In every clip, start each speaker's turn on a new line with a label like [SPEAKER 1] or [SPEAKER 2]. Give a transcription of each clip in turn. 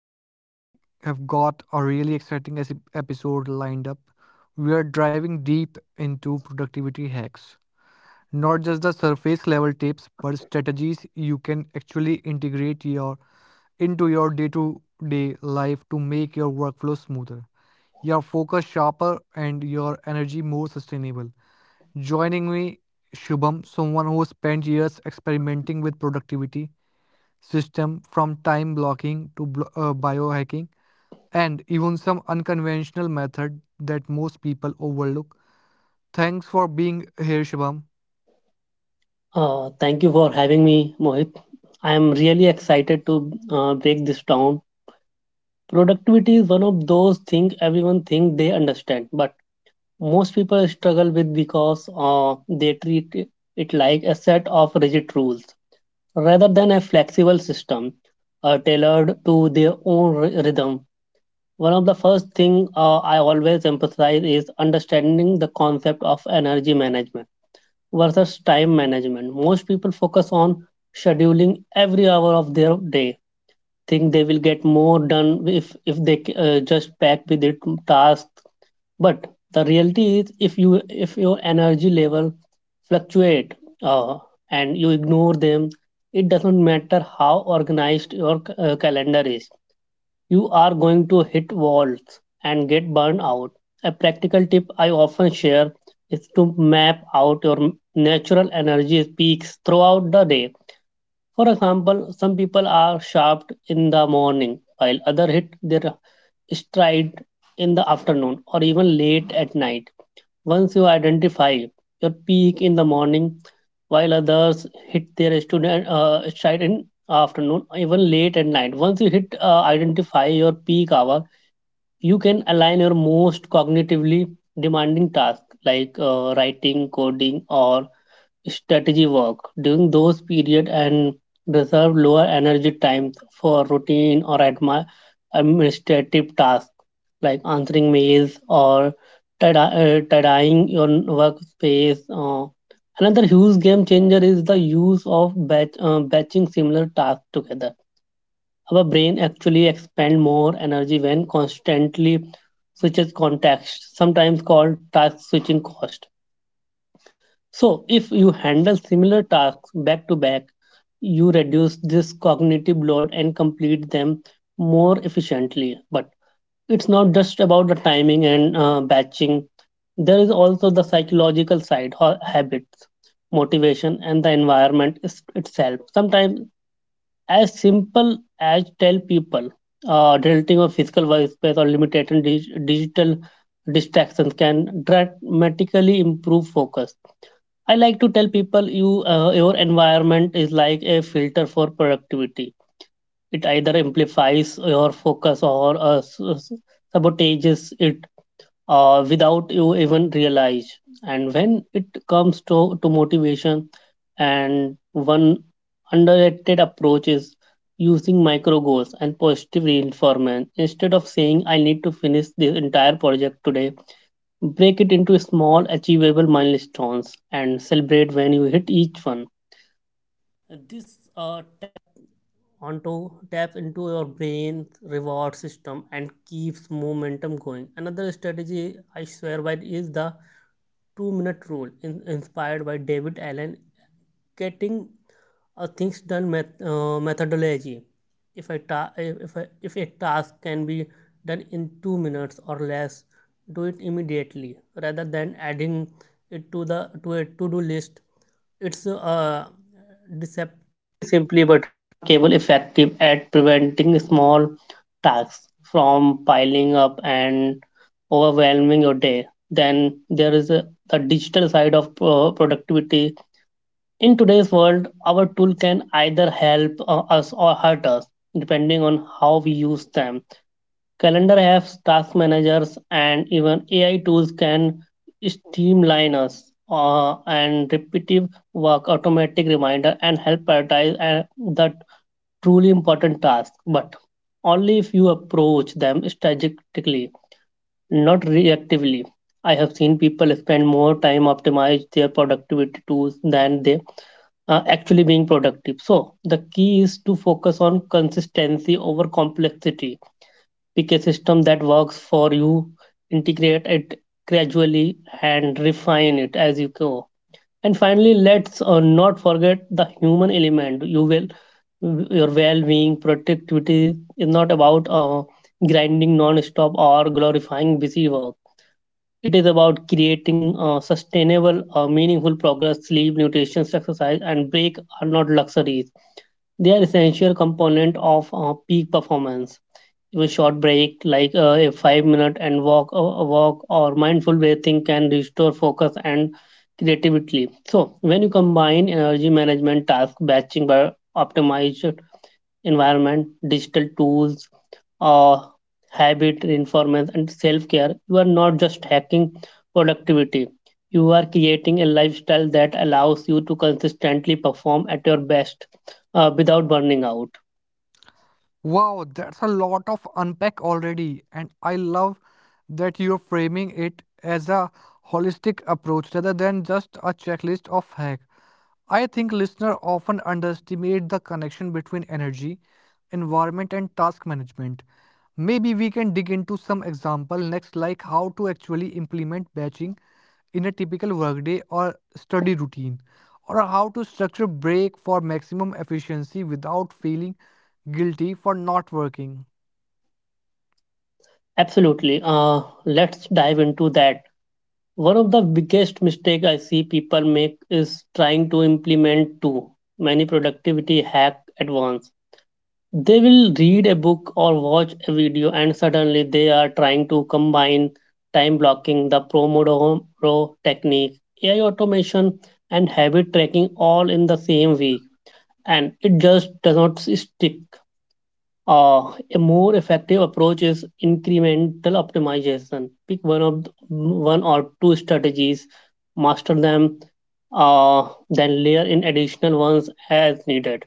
[SPEAKER 1] Today we have got a really exciting episode lined up. We are driving deep into productivity hacks. Not just the surface level tips, but strategies you can actually integrate your into your day-to-day life to make your workflow smoother, your focus sharper and your energy more sustainable. Joining me Shubham, someone who spent years experimenting with productivity system from time blocking to biohacking and even some unconventional method that most people overlook. Thanks for being here, Shubham.
[SPEAKER 2] Thank you for having me, Mohit. I am really excited to break this down. Productivity is one of those things everyone think they understand, but most people struggle with because they treat it like a set of rigid rules rather than a flexible system tailored to their own rhythm. One of the first thing I always emphasize is understanding the concept of energy management versus time management. Most people focus on scheduling every hour of their day, think they will get more done if they just pack with it tasks. But the reality is, if your energy level fluctuate uh, and you ignore them, it doesn't matter how organized your calendar is. You are going to hit walls and get burned out. A practical tip I often share is to map out your natural energy peaks throughout the day, for example, some people are sharp in the morning, while others hit their stride in the afternoon or even late at night. Once you identify your peak in the morning, while others hit their student stride in afternoon, even late at night. Once you hit identify your peak hour, you can align your most cognitively demanding tasks like writing, coding, or strategy work during those periods, and reserve lower energy times for routine or administrative tasks like answering mails or tidying your workspace. Another huge game changer is the use of batching similar tasks together. Our brain actually expend more energy when constantly switches context, sometimes called task switching cost. So, if you handle similar tasks back to back, you reduce this cognitive load and complete them more efficiently. But it's not just about the timing and batching, there is also the psychological side, habits, motivation, and the environment itself. Sometimes as simple as tell people deleting of physical workspace or limiting digital distractions can dramatically improve focus. I like to tell people your environment is like a filter for productivity. It either amplifies your focus or sabotages it without you even realize. And when it comes to motivation, and one underrated approach is using micro goals and positive reinforcement. Instead of saying, I need to finish this entire project today, break it into small, achievable milestones and celebrate when you hit each one. Small tasks from piling up and overwhelming your day. Then the digital side of productivity. In today's world, our tool can either help us or hurt us, depending on how we use them. Calendar apps, task managers, and even AI tools can streamline us and repetitive work, automatic reminder, and help prioritize the truly important tasks. But only if you approach them strategically, not reactively. I have seen people spend more time optimize their productivity tools than they are actually being productive. So the key is to focus on consistency over complexity. Pick a system that works for you, integrate it gradually, and refine it as you go. And finally, let's not forget the human element. You will your well-being, productivity is not about grinding non-stop or glorifying busy work. It is about creating sustainable, meaningful progress. Sleep, nutrition, exercise, and break are not luxuries. They are essential component of peak performance. Even short break, like a 5 minute and walk or mindful breathing, can restore focus and creativity. So when you combine energy management task batching by optimized environment, digital tools, uh, habit reinforcement, and self care, you are not just hacking productivity. You are creating a lifestyle that allows you to consistently perform at your best without burning out.
[SPEAKER 1] Wow, that's a lot of unpack already, and I love that you're framing it as a holistic approach rather than just a checklist of hack. I think listeners often underestimate the connection between energy, environment, and task management. Maybe we can dig into some example next, like how to actually implement batching in a typical workday or study routine, or how to structure break for maximum efficiency without feeling guilty for not working.
[SPEAKER 2] Absolutely. Let's dive into that. One of the biggest mistakes I see people make is trying to implement too many productivity hacks at once. They will read a book or watch a video, and suddenly they are trying to combine time blocking, the Pomodoro technique, AI automation, and habit tracking all in the same week. And it just does not stick. A more effective approach is incremental optimization. Pick one or two strategies, master them, then layer in additional ones as needed.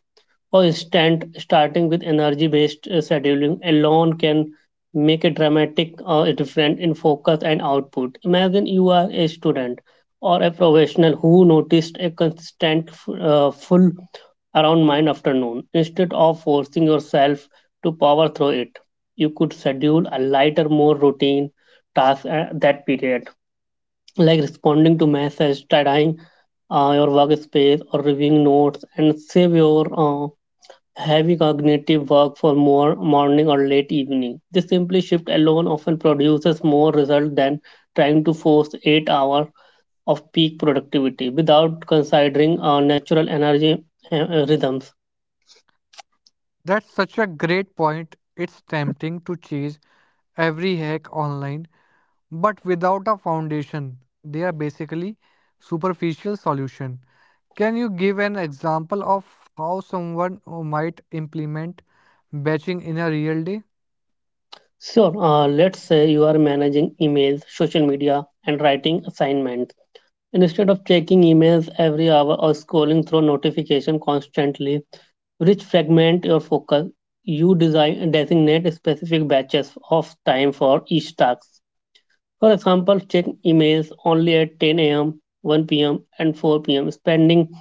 [SPEAKER 2] For instance, starting with energy-based scheduling alone can make a dramatic difference in focus and output. Imagine you are a student or a professional who noticed a constant full around mind afternoon. Instead of forcing yourself to power through it. You could schedule a lighter, more routine task at that period, like responding to messages, tidying your workspace, or reviewing notes, and save your heavy cognitive work for more morning or late evening. This simple shift alone often produces more result than trying to force 8 hours of peak productivity without considering natural energy rhythms.
[SPEAKER 1] That's such a great point. It's tempting to chase every hack online, but without a foundation, they are basically superficial solution. Can you give an example of how someone might implement batching in a real day?
[SPEAKER 2] Sure. Let's say you are managing emails, social media, and writing assignments. Instead of checking emails every hour or scrolling through notification constantly, which fragment your focus, you designate specific batches of time for each task. For example, check emails only at 10 a.m., 1 p.m., and 4 p.m., spending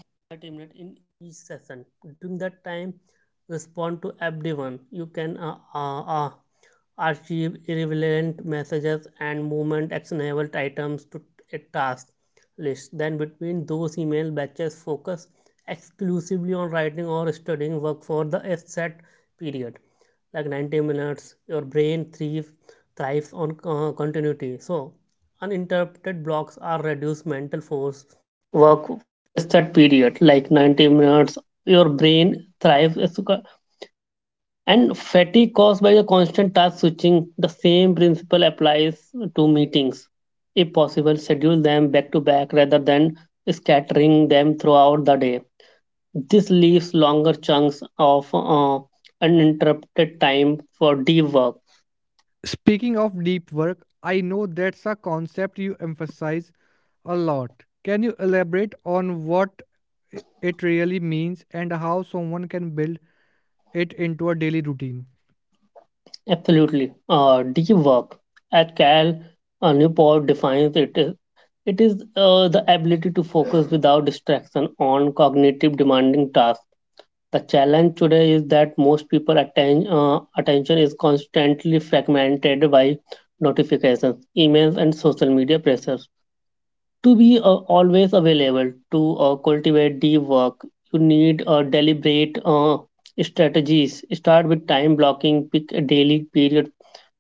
[SPEAKER 2] your brain thrives and fatigue caused by the constant task switching. The same principle applies to meetings. If possible, schedule them back to back rather than scattering them throughout the day. This leaves longer chunks of uninterrupted time for deep work.
[SPEAKER 3] Speaking of deep work, I know that's a concept you emphasize a lot. Can you elaborate on what i- it really means and how someone can build it into a daily routine?
[SPEAKER 2] Absolutely. Deep work, at cal Newport defines it, it is the ability to focus without distraction on cognitive demanding tasks. The challenge today is that most people attention is constantly fragmented by notifications, emails, and social media pressures. To be always available. To cultivate deep work, you need deliberate strategies. Start with time blocking, pick a daily period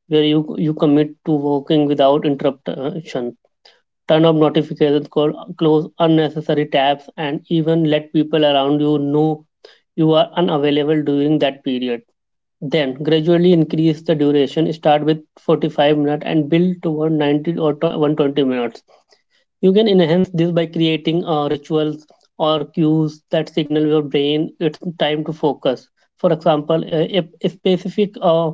[SPEAKER 2] where you commit to working without interruption. Turn off notifications, close unnecessary tabs, and even let people around you know you are unavailable during that period. Then gradually increase the duration. Start with 45 minutes and build toward 90 or 120 minutes. You can enhance this by creating rituals or cues that signal your brain it's time to focus. For example, a specific uh,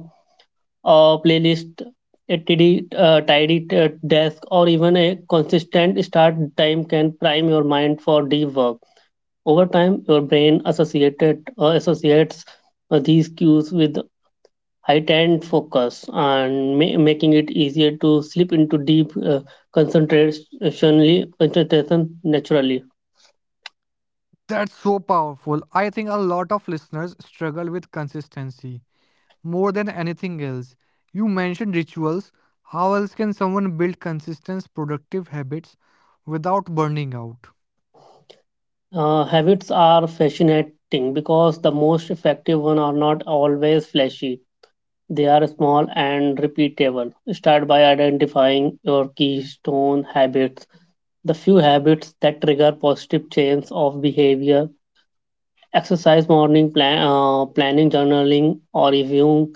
[SPEAKER 2] uh, playlist, a tidy desk, or even a consistent start time can prime your mind for deep work. Over time, your brain associated associates these cues with heightened focus and making it easier to slip into deep concentration naturally.
[SPEAKER 3] That's so powerful. I think a lot of listeners struggle with consistency more than anything else. You mentioned rituals. How else can someone build consistent, productive habits without burning out?
[SPEAKER 2] Habits are fascinating because the most effective ones are not always flashy. They are small and repeatable. Start by identifying your keystone habits, the few habits that trigger positive change of behavior. Exercise, morning planning, journaling, or reviewing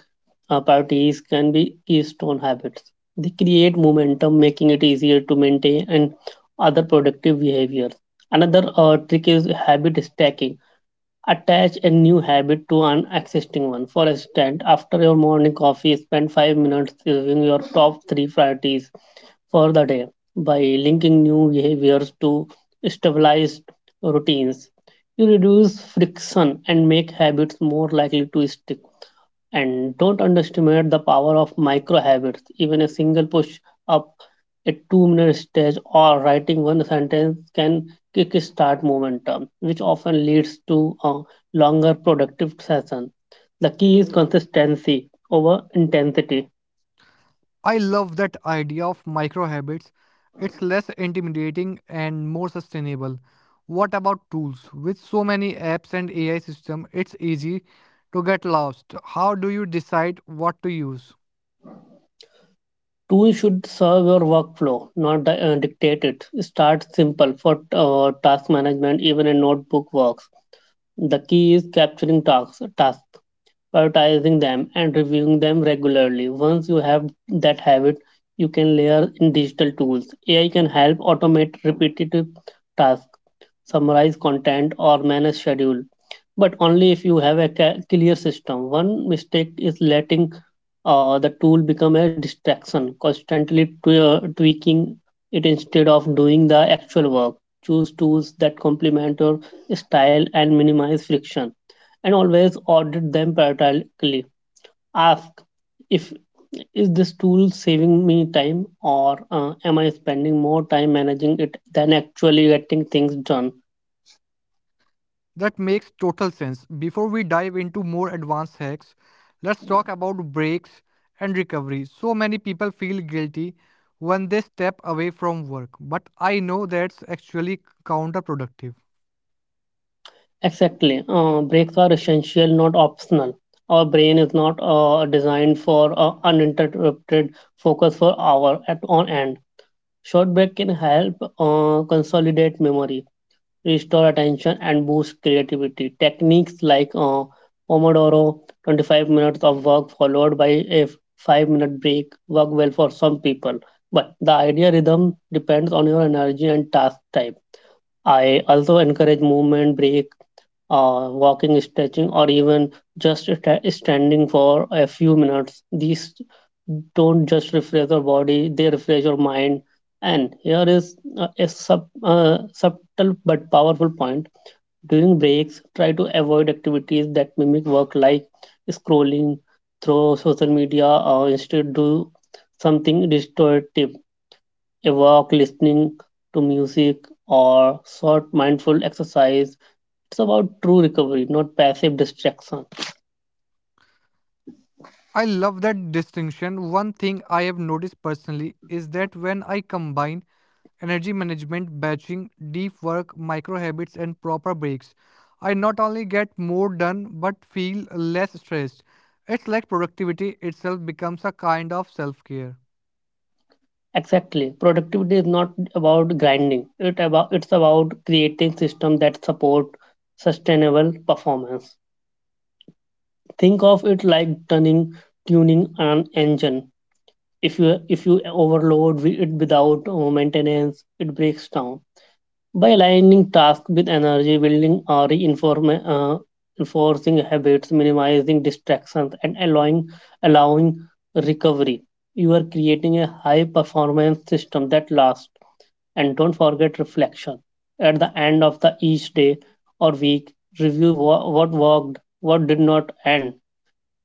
[SPEAKER 2] priorities can be keystone habits. They create momentum, making it easier to maintain and other productive behaviors. Another trick is habit stacking. Attach a new habit to an existing one. For instance, after your morning coffee, spend 5 minutes reviewing your top three priorities for the day by linking new behaviors to stabilized routines. You reduce friction and make habits more likely to stick. And don't underestimate the power of micro habits. Even a single push up, a 2 minute stretch, or writing one sentence can kick start momentum, which often leads to a longer productive session. The key is consistency over intensity.
[SPEAKER 3] I love that idea of micro habits. It's less intimidating and more sustainable. What about tools? With so many apps and AI system, it's easy to get lost. How do you decide what to use?
[SPEAKER 2] Tools should serve your workflow, not dictate it. Start simple for task management, even a notebook works. The key is capturing tasks, prioritizing them, and reviewing them regularly. Once you have that habit, you can layer in digital tools. AI can help automate repetitive tasks, summarize content, or manage schedule, but only if you have a clear system. One mistake is letting the tool become a distraction, constantly tweaking it instead of doing the actual work. Choose tools that complement your style and minimize friction, and always audit them periodically. Ask, if is this tool saving me time, or am I spending more time managing it than actually getting things done?
[SPEAKER 3] That makes total sense. Before we dive into more advanced hacks, let's talk about breaks and recovery. So many people feel guilty when they step away from work, but I know that's actually counterproductive.
[SPEAKER 2] Exactly. Breaks are essential, not optional. Our brain is not designed for uninterrupted focus for hour at on end. Short break can help consolidate memory, restore attention, and boost creativity. Techniques like Pomodoro, 25 minutes of work followed by a 5-minute break, work well for some people. But the idea rhythm depends on your energy and task type. I also encourage movement, break, walking, stretching, or even just standing for a few minutes. These don't just refresh your body, they refresh your mind. And here is a subtle but powerful point. During breaks, try to avoid activities that mimic work like scrolling through social media, or instead do something restorative, a walk, listening to music, or short mindful exercise. It's about true recovery, not passive distraction.
[SPEAKER 3] I love that distinction. One thing I have noticed personally is that when I combine energy management, batching, deep work, micro habits, and proper breaks, I not only get more done but feel less stressed. It's like productivity itself becomes a kind of self care.
[SPEAKER 2] Exactly. Productivity is not about grinding. It's about creating systems that support sustainable performance. Think of it like turning tuning an engine. If you overload it without maintenance, it breaks down. By aligning tasks with energy, building or enforcing habits, minimizing distractions, and allowing recovery, you are creating a high performance system that lasts. And don't forget reflection. At the end of the each day or week, review what worked, what did not, and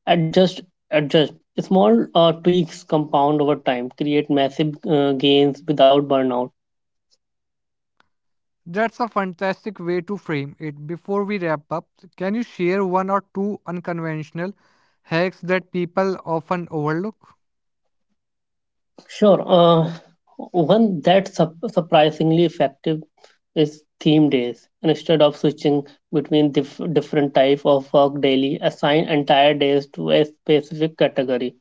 [SPEAKER 2] adjust adjust. Small tweaks compound over time, create massive gains without burnout.
[SPEAKER 3] That's a fantastic way to frame it. Before we wrap up, can you share one or two unconventional hacks that people often overlook?
[SPEAKER 2] Sure. One that's surprisingly effective is theme days. Instead of switching between different type of work daily, assign entire days to a specific category.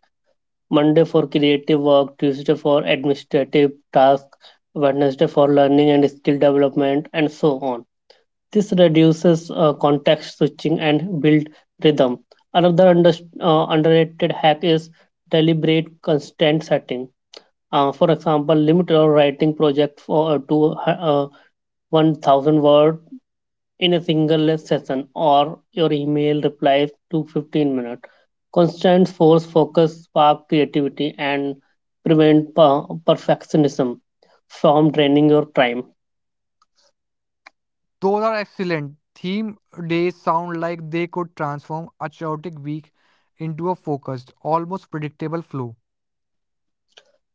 [SPEAKER 2] Monday for creative work, Tuesday for administrative tasks, Wednesday for learning and skill development, and so on. This reduces context switching and build rhythm. Another underrated hack is deliberate constant setting. For example, limit your writing project to 1,000 words in a single session, or your email replies to 15 minutes. Constant force focus spark creativity and prevent perfectionism from draining your time.
[SPEAKER 3] Those are excellent. Theme days sound like they could transform a chaotic week into a focused, almost predictable flow.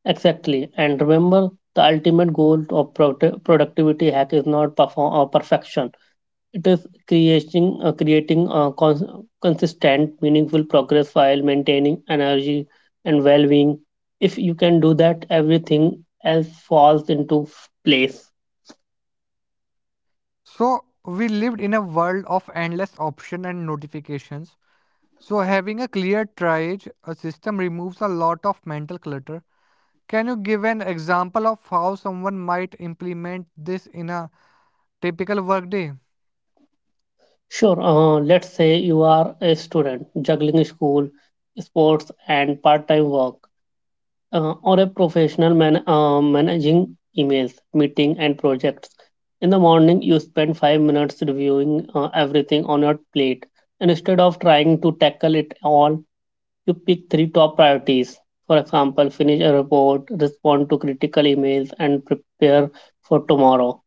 [SPEAKER 2] Exactly. And remember, the ultimate goal of productivity hack is not perform or perfection. It is creating consistent, meaningful progress while maintaining energy and well-being. If you can do that, everything else falls into place.
[SPEAKER 3] So, we lived in a world of endless options and notifications. So, having a clear triage a system removes a lot of mental clutter. Can you give an example of how someone might implement this in a typical workday?
[SPEAKER 2] Sure. Let's say you are a student juggling school, sports, and part-time work, or a professional managing emails, meeting, and projects. In the morning, you spend 5 minutes reviewing everything on your plate, and instead of trying to tackle it all, you pick three top priorities. For example, finish a report, respond to critical emails, and prepare for tomorrow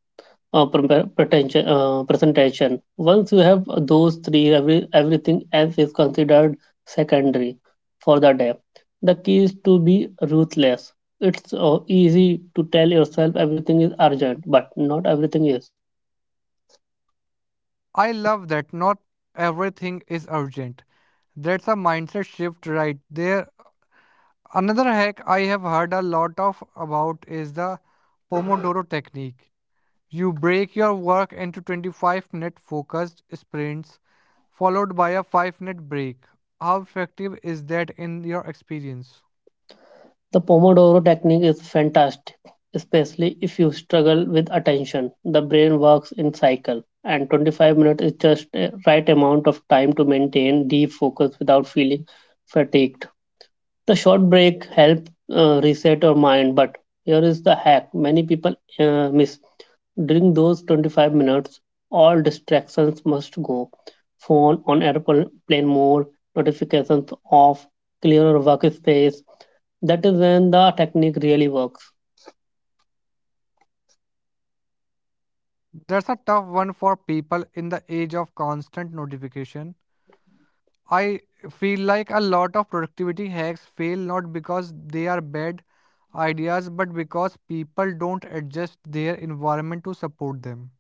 [SPEAKER 2] presentation. Once you have those three, everything else is considered secondary for the day. The key is to be ruthless. It's easy to tell yourself everything is urgent, but not everything is.
[SPEAKER 3] I love that not everything is urgent. That's a mindset shift right there. Another hack I have heard a lot of about is the Pomodoro technique. You break your work into 25-minute focused sprints followed by a 5-minute break. How effective is that in your experience?
[SPEAKER 2] The Pomodoro technique is fantastic, especially if you struggle with attention. The brain works in cycle, and 25 minutes is just a right amount of time to maintain deep focus without feeling fatigued. The short break help reset our mind, but here is the hack many people miss. During those 25 minutes, all distractions must go. Phone on airplane mode, notifications off, clearer workspace. That is when the technique really works.
[SPEAKER 3] That's a tough one for people in the age of constant notification. I feel like a lot of productivity hacks fail not because they are bad ideas but because people don't adjust their environment to support them.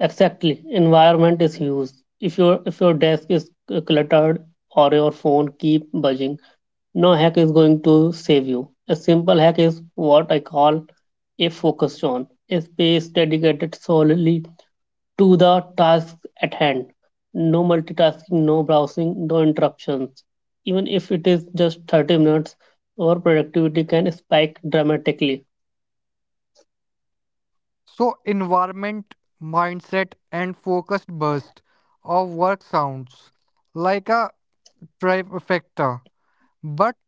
[SPEAKER 2] Exactly, environment is used. If your desk is cluttered or your phone keep buzzing, no hack is going to save you. A simple hack is what I call a focus zone, a space dedicated solely to the tasks at hand. No multitasking, no browsing, no interruptions. Even if it is just 30 minutes, our productivity can spike dramatically.
[SPEAKER 3] So, environment, mindset, and focused burst of work sounds like a trifecta. But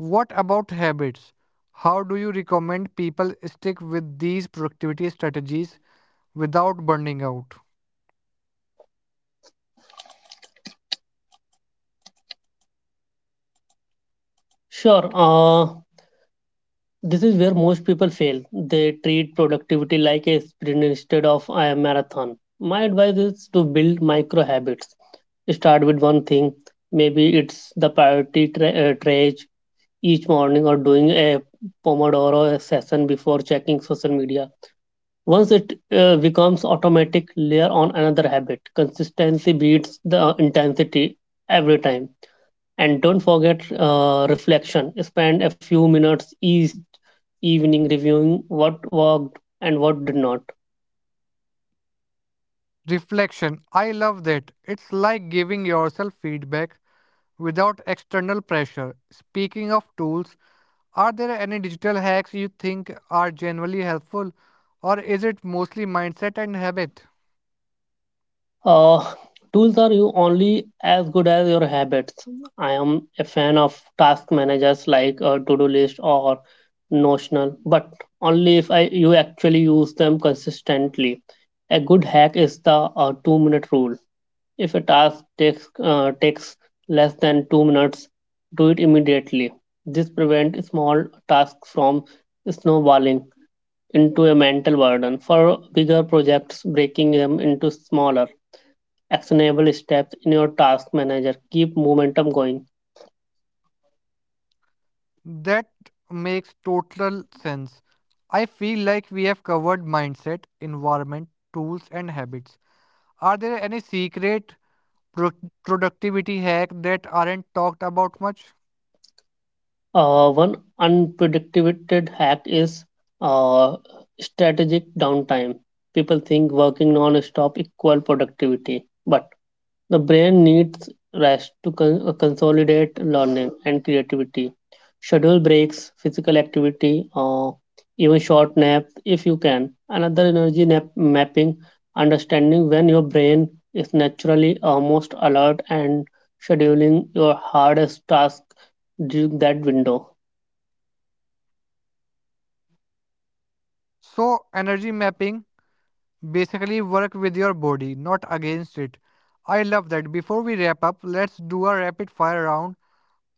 [SPEAKER 3] what about habits? How do you recommend people stick with these productivity strategies without burning out?
[SPEAKER 2] Sure. This is where most people fail. They treat productivity like a sprint instead of a marathon. My advice is to build micro habits. Start with one thing. Maybe it's the priority trash each morning, or doing a Pomodoro session before checking social media. Once it becomes automatic, layer on another habit. Consistency beats the intensity every time. And don't forget reflection. Spend a few minutes each evening reviewing what worked and what did not.
[SPEAKER 3] Reflection. I love that. It's like giving yourself feedback without external pressure. Speaking of tools, are there any digital hacks you think are generally helpful, or is it mostly mindset and habit?
[SPEAKER 2] Uh, tools are you only as good as your habits. I am a fan of task managers like To Do List or Notional, but only if you actually use them consistently. A good hack is the 2-minute rule. If a task takes less than 2 minutes, do it immediately. This prevents small tasks from snowballing into a mental burden. For bigger projects, breaking them into smaller, actionable steps in your task manager keep momentum going.
[SPEAKER 3] That makes total sense. I feel like we have covered mindset, environment, tools, and habits. Are there any secret pro- productivity hack that aren't talked about much?
[SPEAKER 2] One unpredicted hack is uh, strategic downtime. People think working non-stop equal productivity, but the brain needs rest to consolidate learning and creativity. Schedule breaks, physical activity, even short naps if you can. Another energy mapping, understanding when your brain is naturally almost alert and scheduling your hardest task during that window.
[SPEAKER 3] So, energy mapping basically work with your body, not against it. I love that. Before we wrap up, let's do a rapid fire round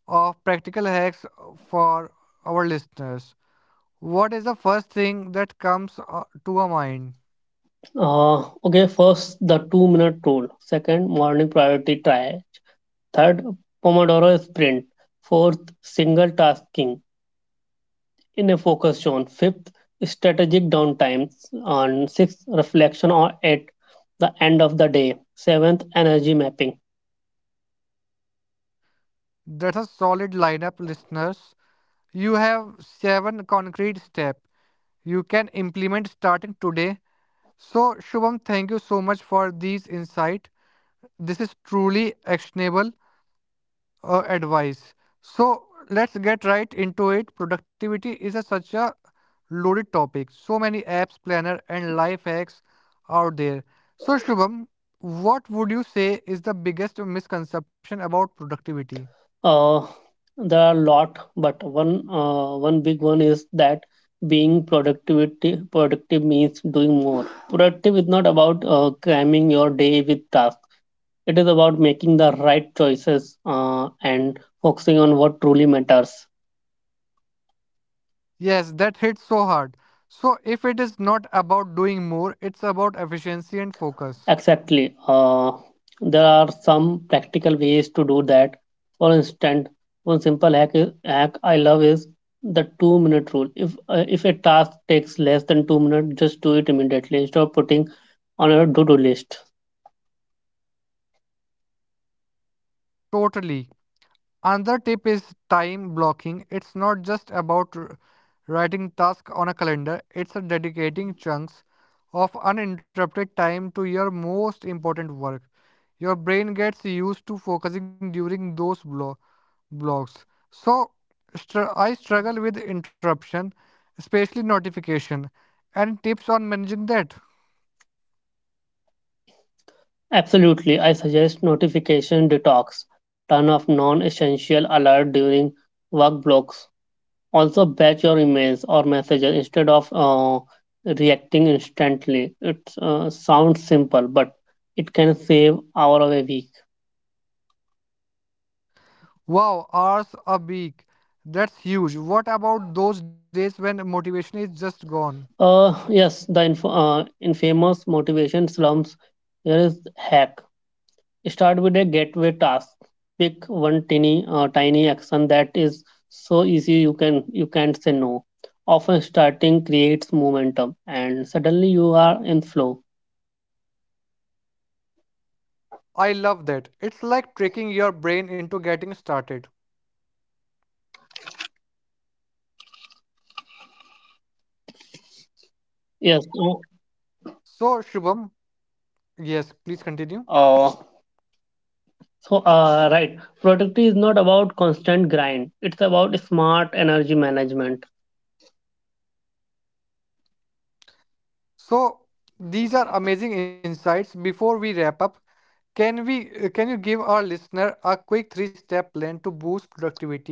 [SPEAKER 3] of practical hacks for our listeners. What is the first thing that comes to a mind?
[SPEAKER 2] Okay, first the 2-minute rule, second, morning priority try, third, Pomodoro sprint, fourth, single tasking in a focus zone. Fifth, strategic downtime. And sixth, reflection on at the end of the day. Seventh, energy mapping.
[SPEAKER 3] That's a solid lineup, listeners. You have seven concrete steps you can implement starting today. So, Shubham, thank you so much for these insights. This is truly actionable advice. So let's get right into it. Productivity is a, such a loaded topic. So many apps, planner, and life hacks out there. So Shubham, what would you say is the biggest misconception about productivity?
[SPEAKER 2] Uh, there are a lot, but one big one is that being productivity productive means doing more. Productive is not about cramming your day with tasks. It is about making the right choices and focusing on what truly matters.
[SPEAKER 3] Yes, that hits so hard. So if it is not about doing more, it's about efficiency and focus.
[SPEAKER 2] Exactly. There are some practical ways to do that. For instance, one simple hack I love is the 2-minute rule. If a task takes less than 2 minutes, just do it immediately instead of putting on a to do list.
[SPEAKER 3] Totally. Another tip is time blocking. It's not just about writing tasks on a calendar, it's a dedicating chunks of uninterrupted time to your most important work. Your brain gets used to focusing during those blocks. So, I struggle with interruption, especially notification, and tips on managing that.
[SPEAKER 2] Absolutely, I suggest notification detox. Turn off non essential alert during work blocks. Also batch your emails or messages instead of reacting instantly. It sounds simple, but it can save hour of a week.
[SPEAKER 3] Wow, hours a week. That's huge. What about those days when motivation is just gone?
[SPEAKER 2] Yes, the infamous motivation slumps. Here is hack. Start with a gateway task. Pick one tiny action that is so easy you can't say no. Often starting creates momentum, and suddenly you are in flow.
[SPEAKER 3] I love that. It's like tricking your brain into getting started.
[SPEAKER 2] yes
[SPEAKER 3] So, Shubham, yes, please continue.
[SPEAKER 2] uh, uh, So, right, productivity is not about constant grind. It's about smart energy management.
[SPEAKER 3] So, these are amazing insights. Before we wrap up, can you give our listener a quick three-step plan to boost productivity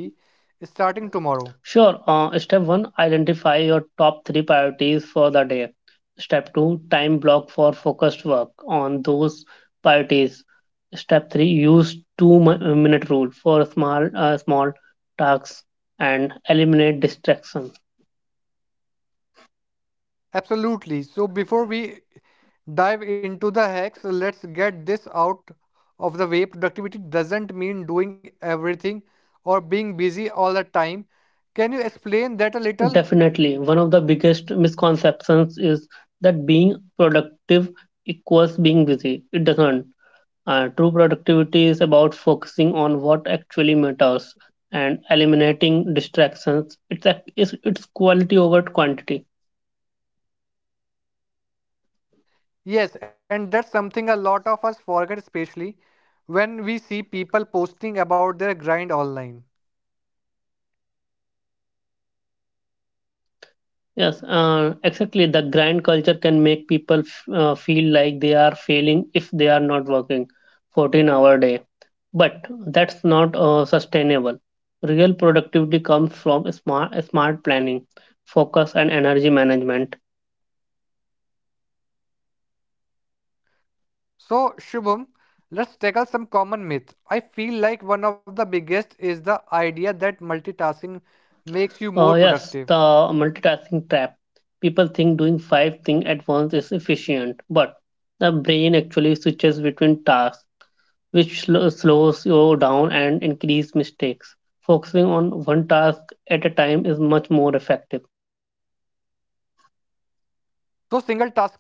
[SPEAKER 3] starting tomorrow?
[SPEAKER 2] Sure. Step one, identify your top three priorities for the day. Step two, time block for focused work on those priorities. Step three, use two minute rule for small tasks and eliminate distraction.
[SPEAKER 3] Absolutely. So, before we dive into the hacks, let's get this out of the way. Productivity doesn't mean doing everything or being busy all the time. Can you explain that a little?
[SPEAKER 2] Definitely, one of the biggest misconceptions is that being productive equals being busy. It doesn't. True productivity is about focusing on what actually matters and eliminating distractions. It's quality over quantity.
[SPEAKER 3] Yes, and that's something a lot of us forget, especially when we see people posting about their grind online.
[SPEAKER 2] Yes, exactly. The grind culture can make people feel like they are failing if they are not working 14-hour day. But that's not sustainable. Real productivity comes from smart planning, focus, and energy management.
[SPEAKER 3] So, Shubham, let's tackle some common myths. I feel like one of the biggest is the idea that multitasking makes you
[SPEAKER 2] Uh,
[SPEAKER 3] more
[SPEAKER 2] yes, the
[SPEAKER 3] productive.
[SPEAKER 2] multitasking trap. People think doing five things at once is efficient, but the brain actually switches between tasks, which slows you down and increase mistakes. Focusing on one task at a time is much more effective.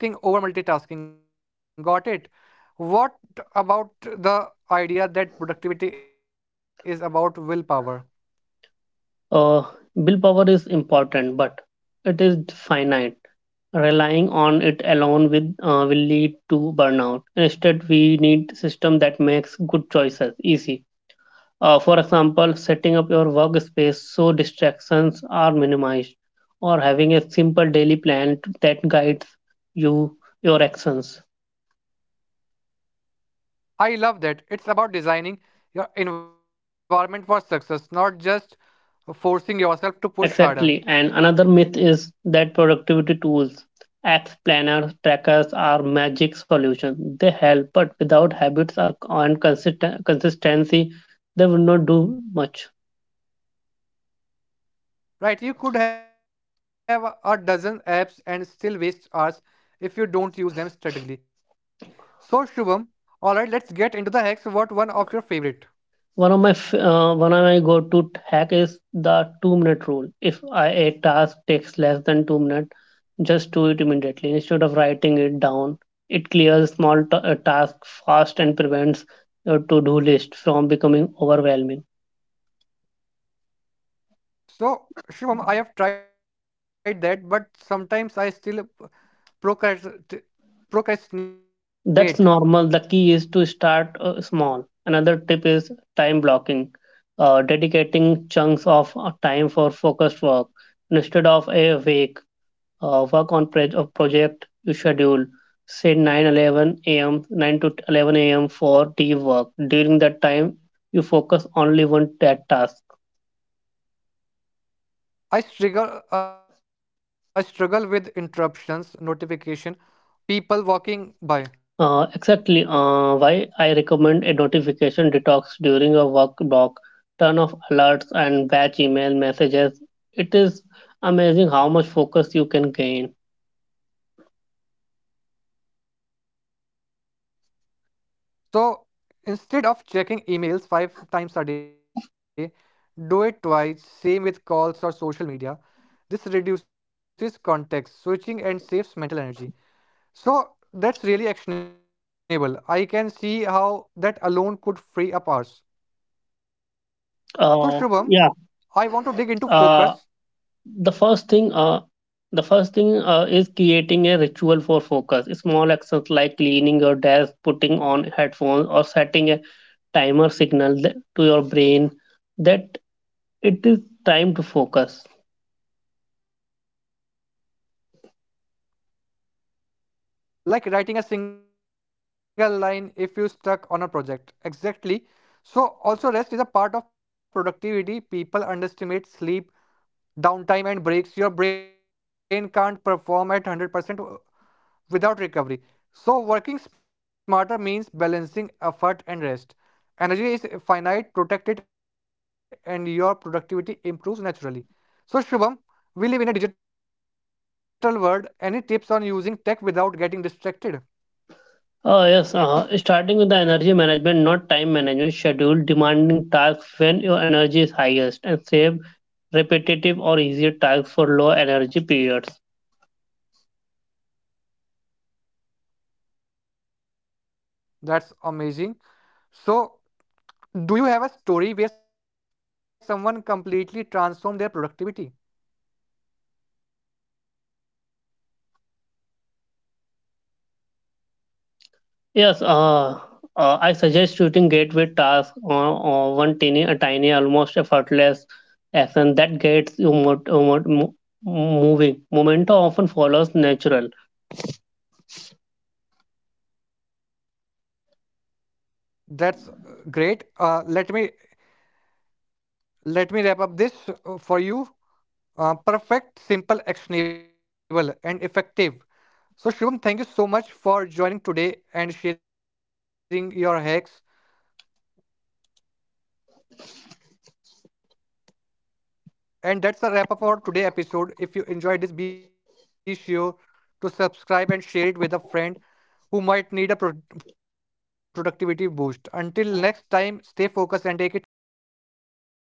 [SPEAKER 3] So, single tasking over multitasking, got it? What about the idea that productivity is about willpower?
[SPEAKER 2] Uh, willpower is important, but it is finite. Relying on it alone will lead to burnout. Instead, we need system that makes good choices easy. For example, setting up your workspace so distractions are minimized, or having a simple daily plan that guides you your actions.
[SPEAKER 3] I love that. It's about designing your environment for success, not just forcing yourself to
[SPEAKER 2] Exactly.
[SPEAKER 3] push
[SPEAKER 2] And
[SPEAKER 3] harder.
[SPEAKER 2] another myth is that productivity tools, apps, planners, trackers are magic solutions. They help, but without habits or and consistency, they will not do much.
[SPEAKER 3] Right? You could have a dozen apps and still waste hours if you don't use them strategically. So, Shubham, alright, let's get into the hacks. What one of your
[SPEAKER 2] One of my
[SPEAKER 3] favorite?
[SPEAKER 2] f- uh, one of my go-to hack is the two-minute rule. If a task takes less than 2 minutes, just do it immediately instead of writing it down. It clears small tasks fast and prevents your to-do list from becoming overwhelming.
[SPEAKER 3] So, Shubham, I have tried that, but sometimes I still procrast-
[SPEAKER 2] That's
[SPEAKER 3] procrastinate.
[SPEAKER 2] normal. The key is to start small. Another tip is time blocking, dedicating chunks of time for focused work. Instead of a week work on project, you schedule, say, 9:11 a.m., 9 to 11 a.m for deep work. During that time, you focus only on that task.
[SPEAKER 3] I struggle I struggle with interruptions, notification, people walking
[SPEAKER 2] Uh,
[SPEAKER 3] by.
[SPEAKER 2] exactly uh, why I recommend a notification detox during a work block. Turn off alerts and batch email messages. It is amazing how much focus you can gain.
[SPEAKER 3] So instead of checking emails five times a day, do it twice. Same with calls or social media. This reduces context switching and saves mental energy. So that's really actionable. I can see how that alone could free up hours.
[SPEAKER 2] Uh,
[SPEAKER 3] So,
[SPEAKER 2] yeah.
[SPEAKER 3] Shubham, I want to dig
[SPEAKER 2] Uh,
[SPEAKER 3] into focus
[SPEAKER 2] the first thing. The first thing is creating a ritual for focus. Small actions like cleaning your desk, putting on headphones, or setting a timer signal to your brain that it is time to focus.
[SPEAKER 3] like writing a single line if you stuck on a project exactly. So also rest is a part of productivity people underestimate sleep downtime and breaks your brain can't perform at 100% without recovery. So working smarter means balancing effort and rest. Energy is finite, protect it and your productivity improves naturally. So Shubham, we live in a digital world, any tips on using tech without getting distracted?
[SPEAKER 2] Oh, yes. Uh-huh. Starting with the energy management, not time management, schedule demanding tasks when your energy is highest and save repetitive or easier tasks for low energy periods.
[SPEAKER 3] That's amazing. So, do you have a story where someone completely transformed their productivity?
[SPEAKER 2] Yes, I suggest shooting gateway tasks on a tiny, almost effortless action that gets you moving. Momentum often follows natural.
[SPEAKER 3] That's great. Let me let me wrap up this for you. Perfect, simple, actionable, and effective. So, Shubham, thank you so much for joining today and sharing your hacks. And that's a wrap up for today episode. If you enjoyed this, be sure to subscribe and share it with a friend who might need a productivity boost. Until next time, stay focused and take it one smart step at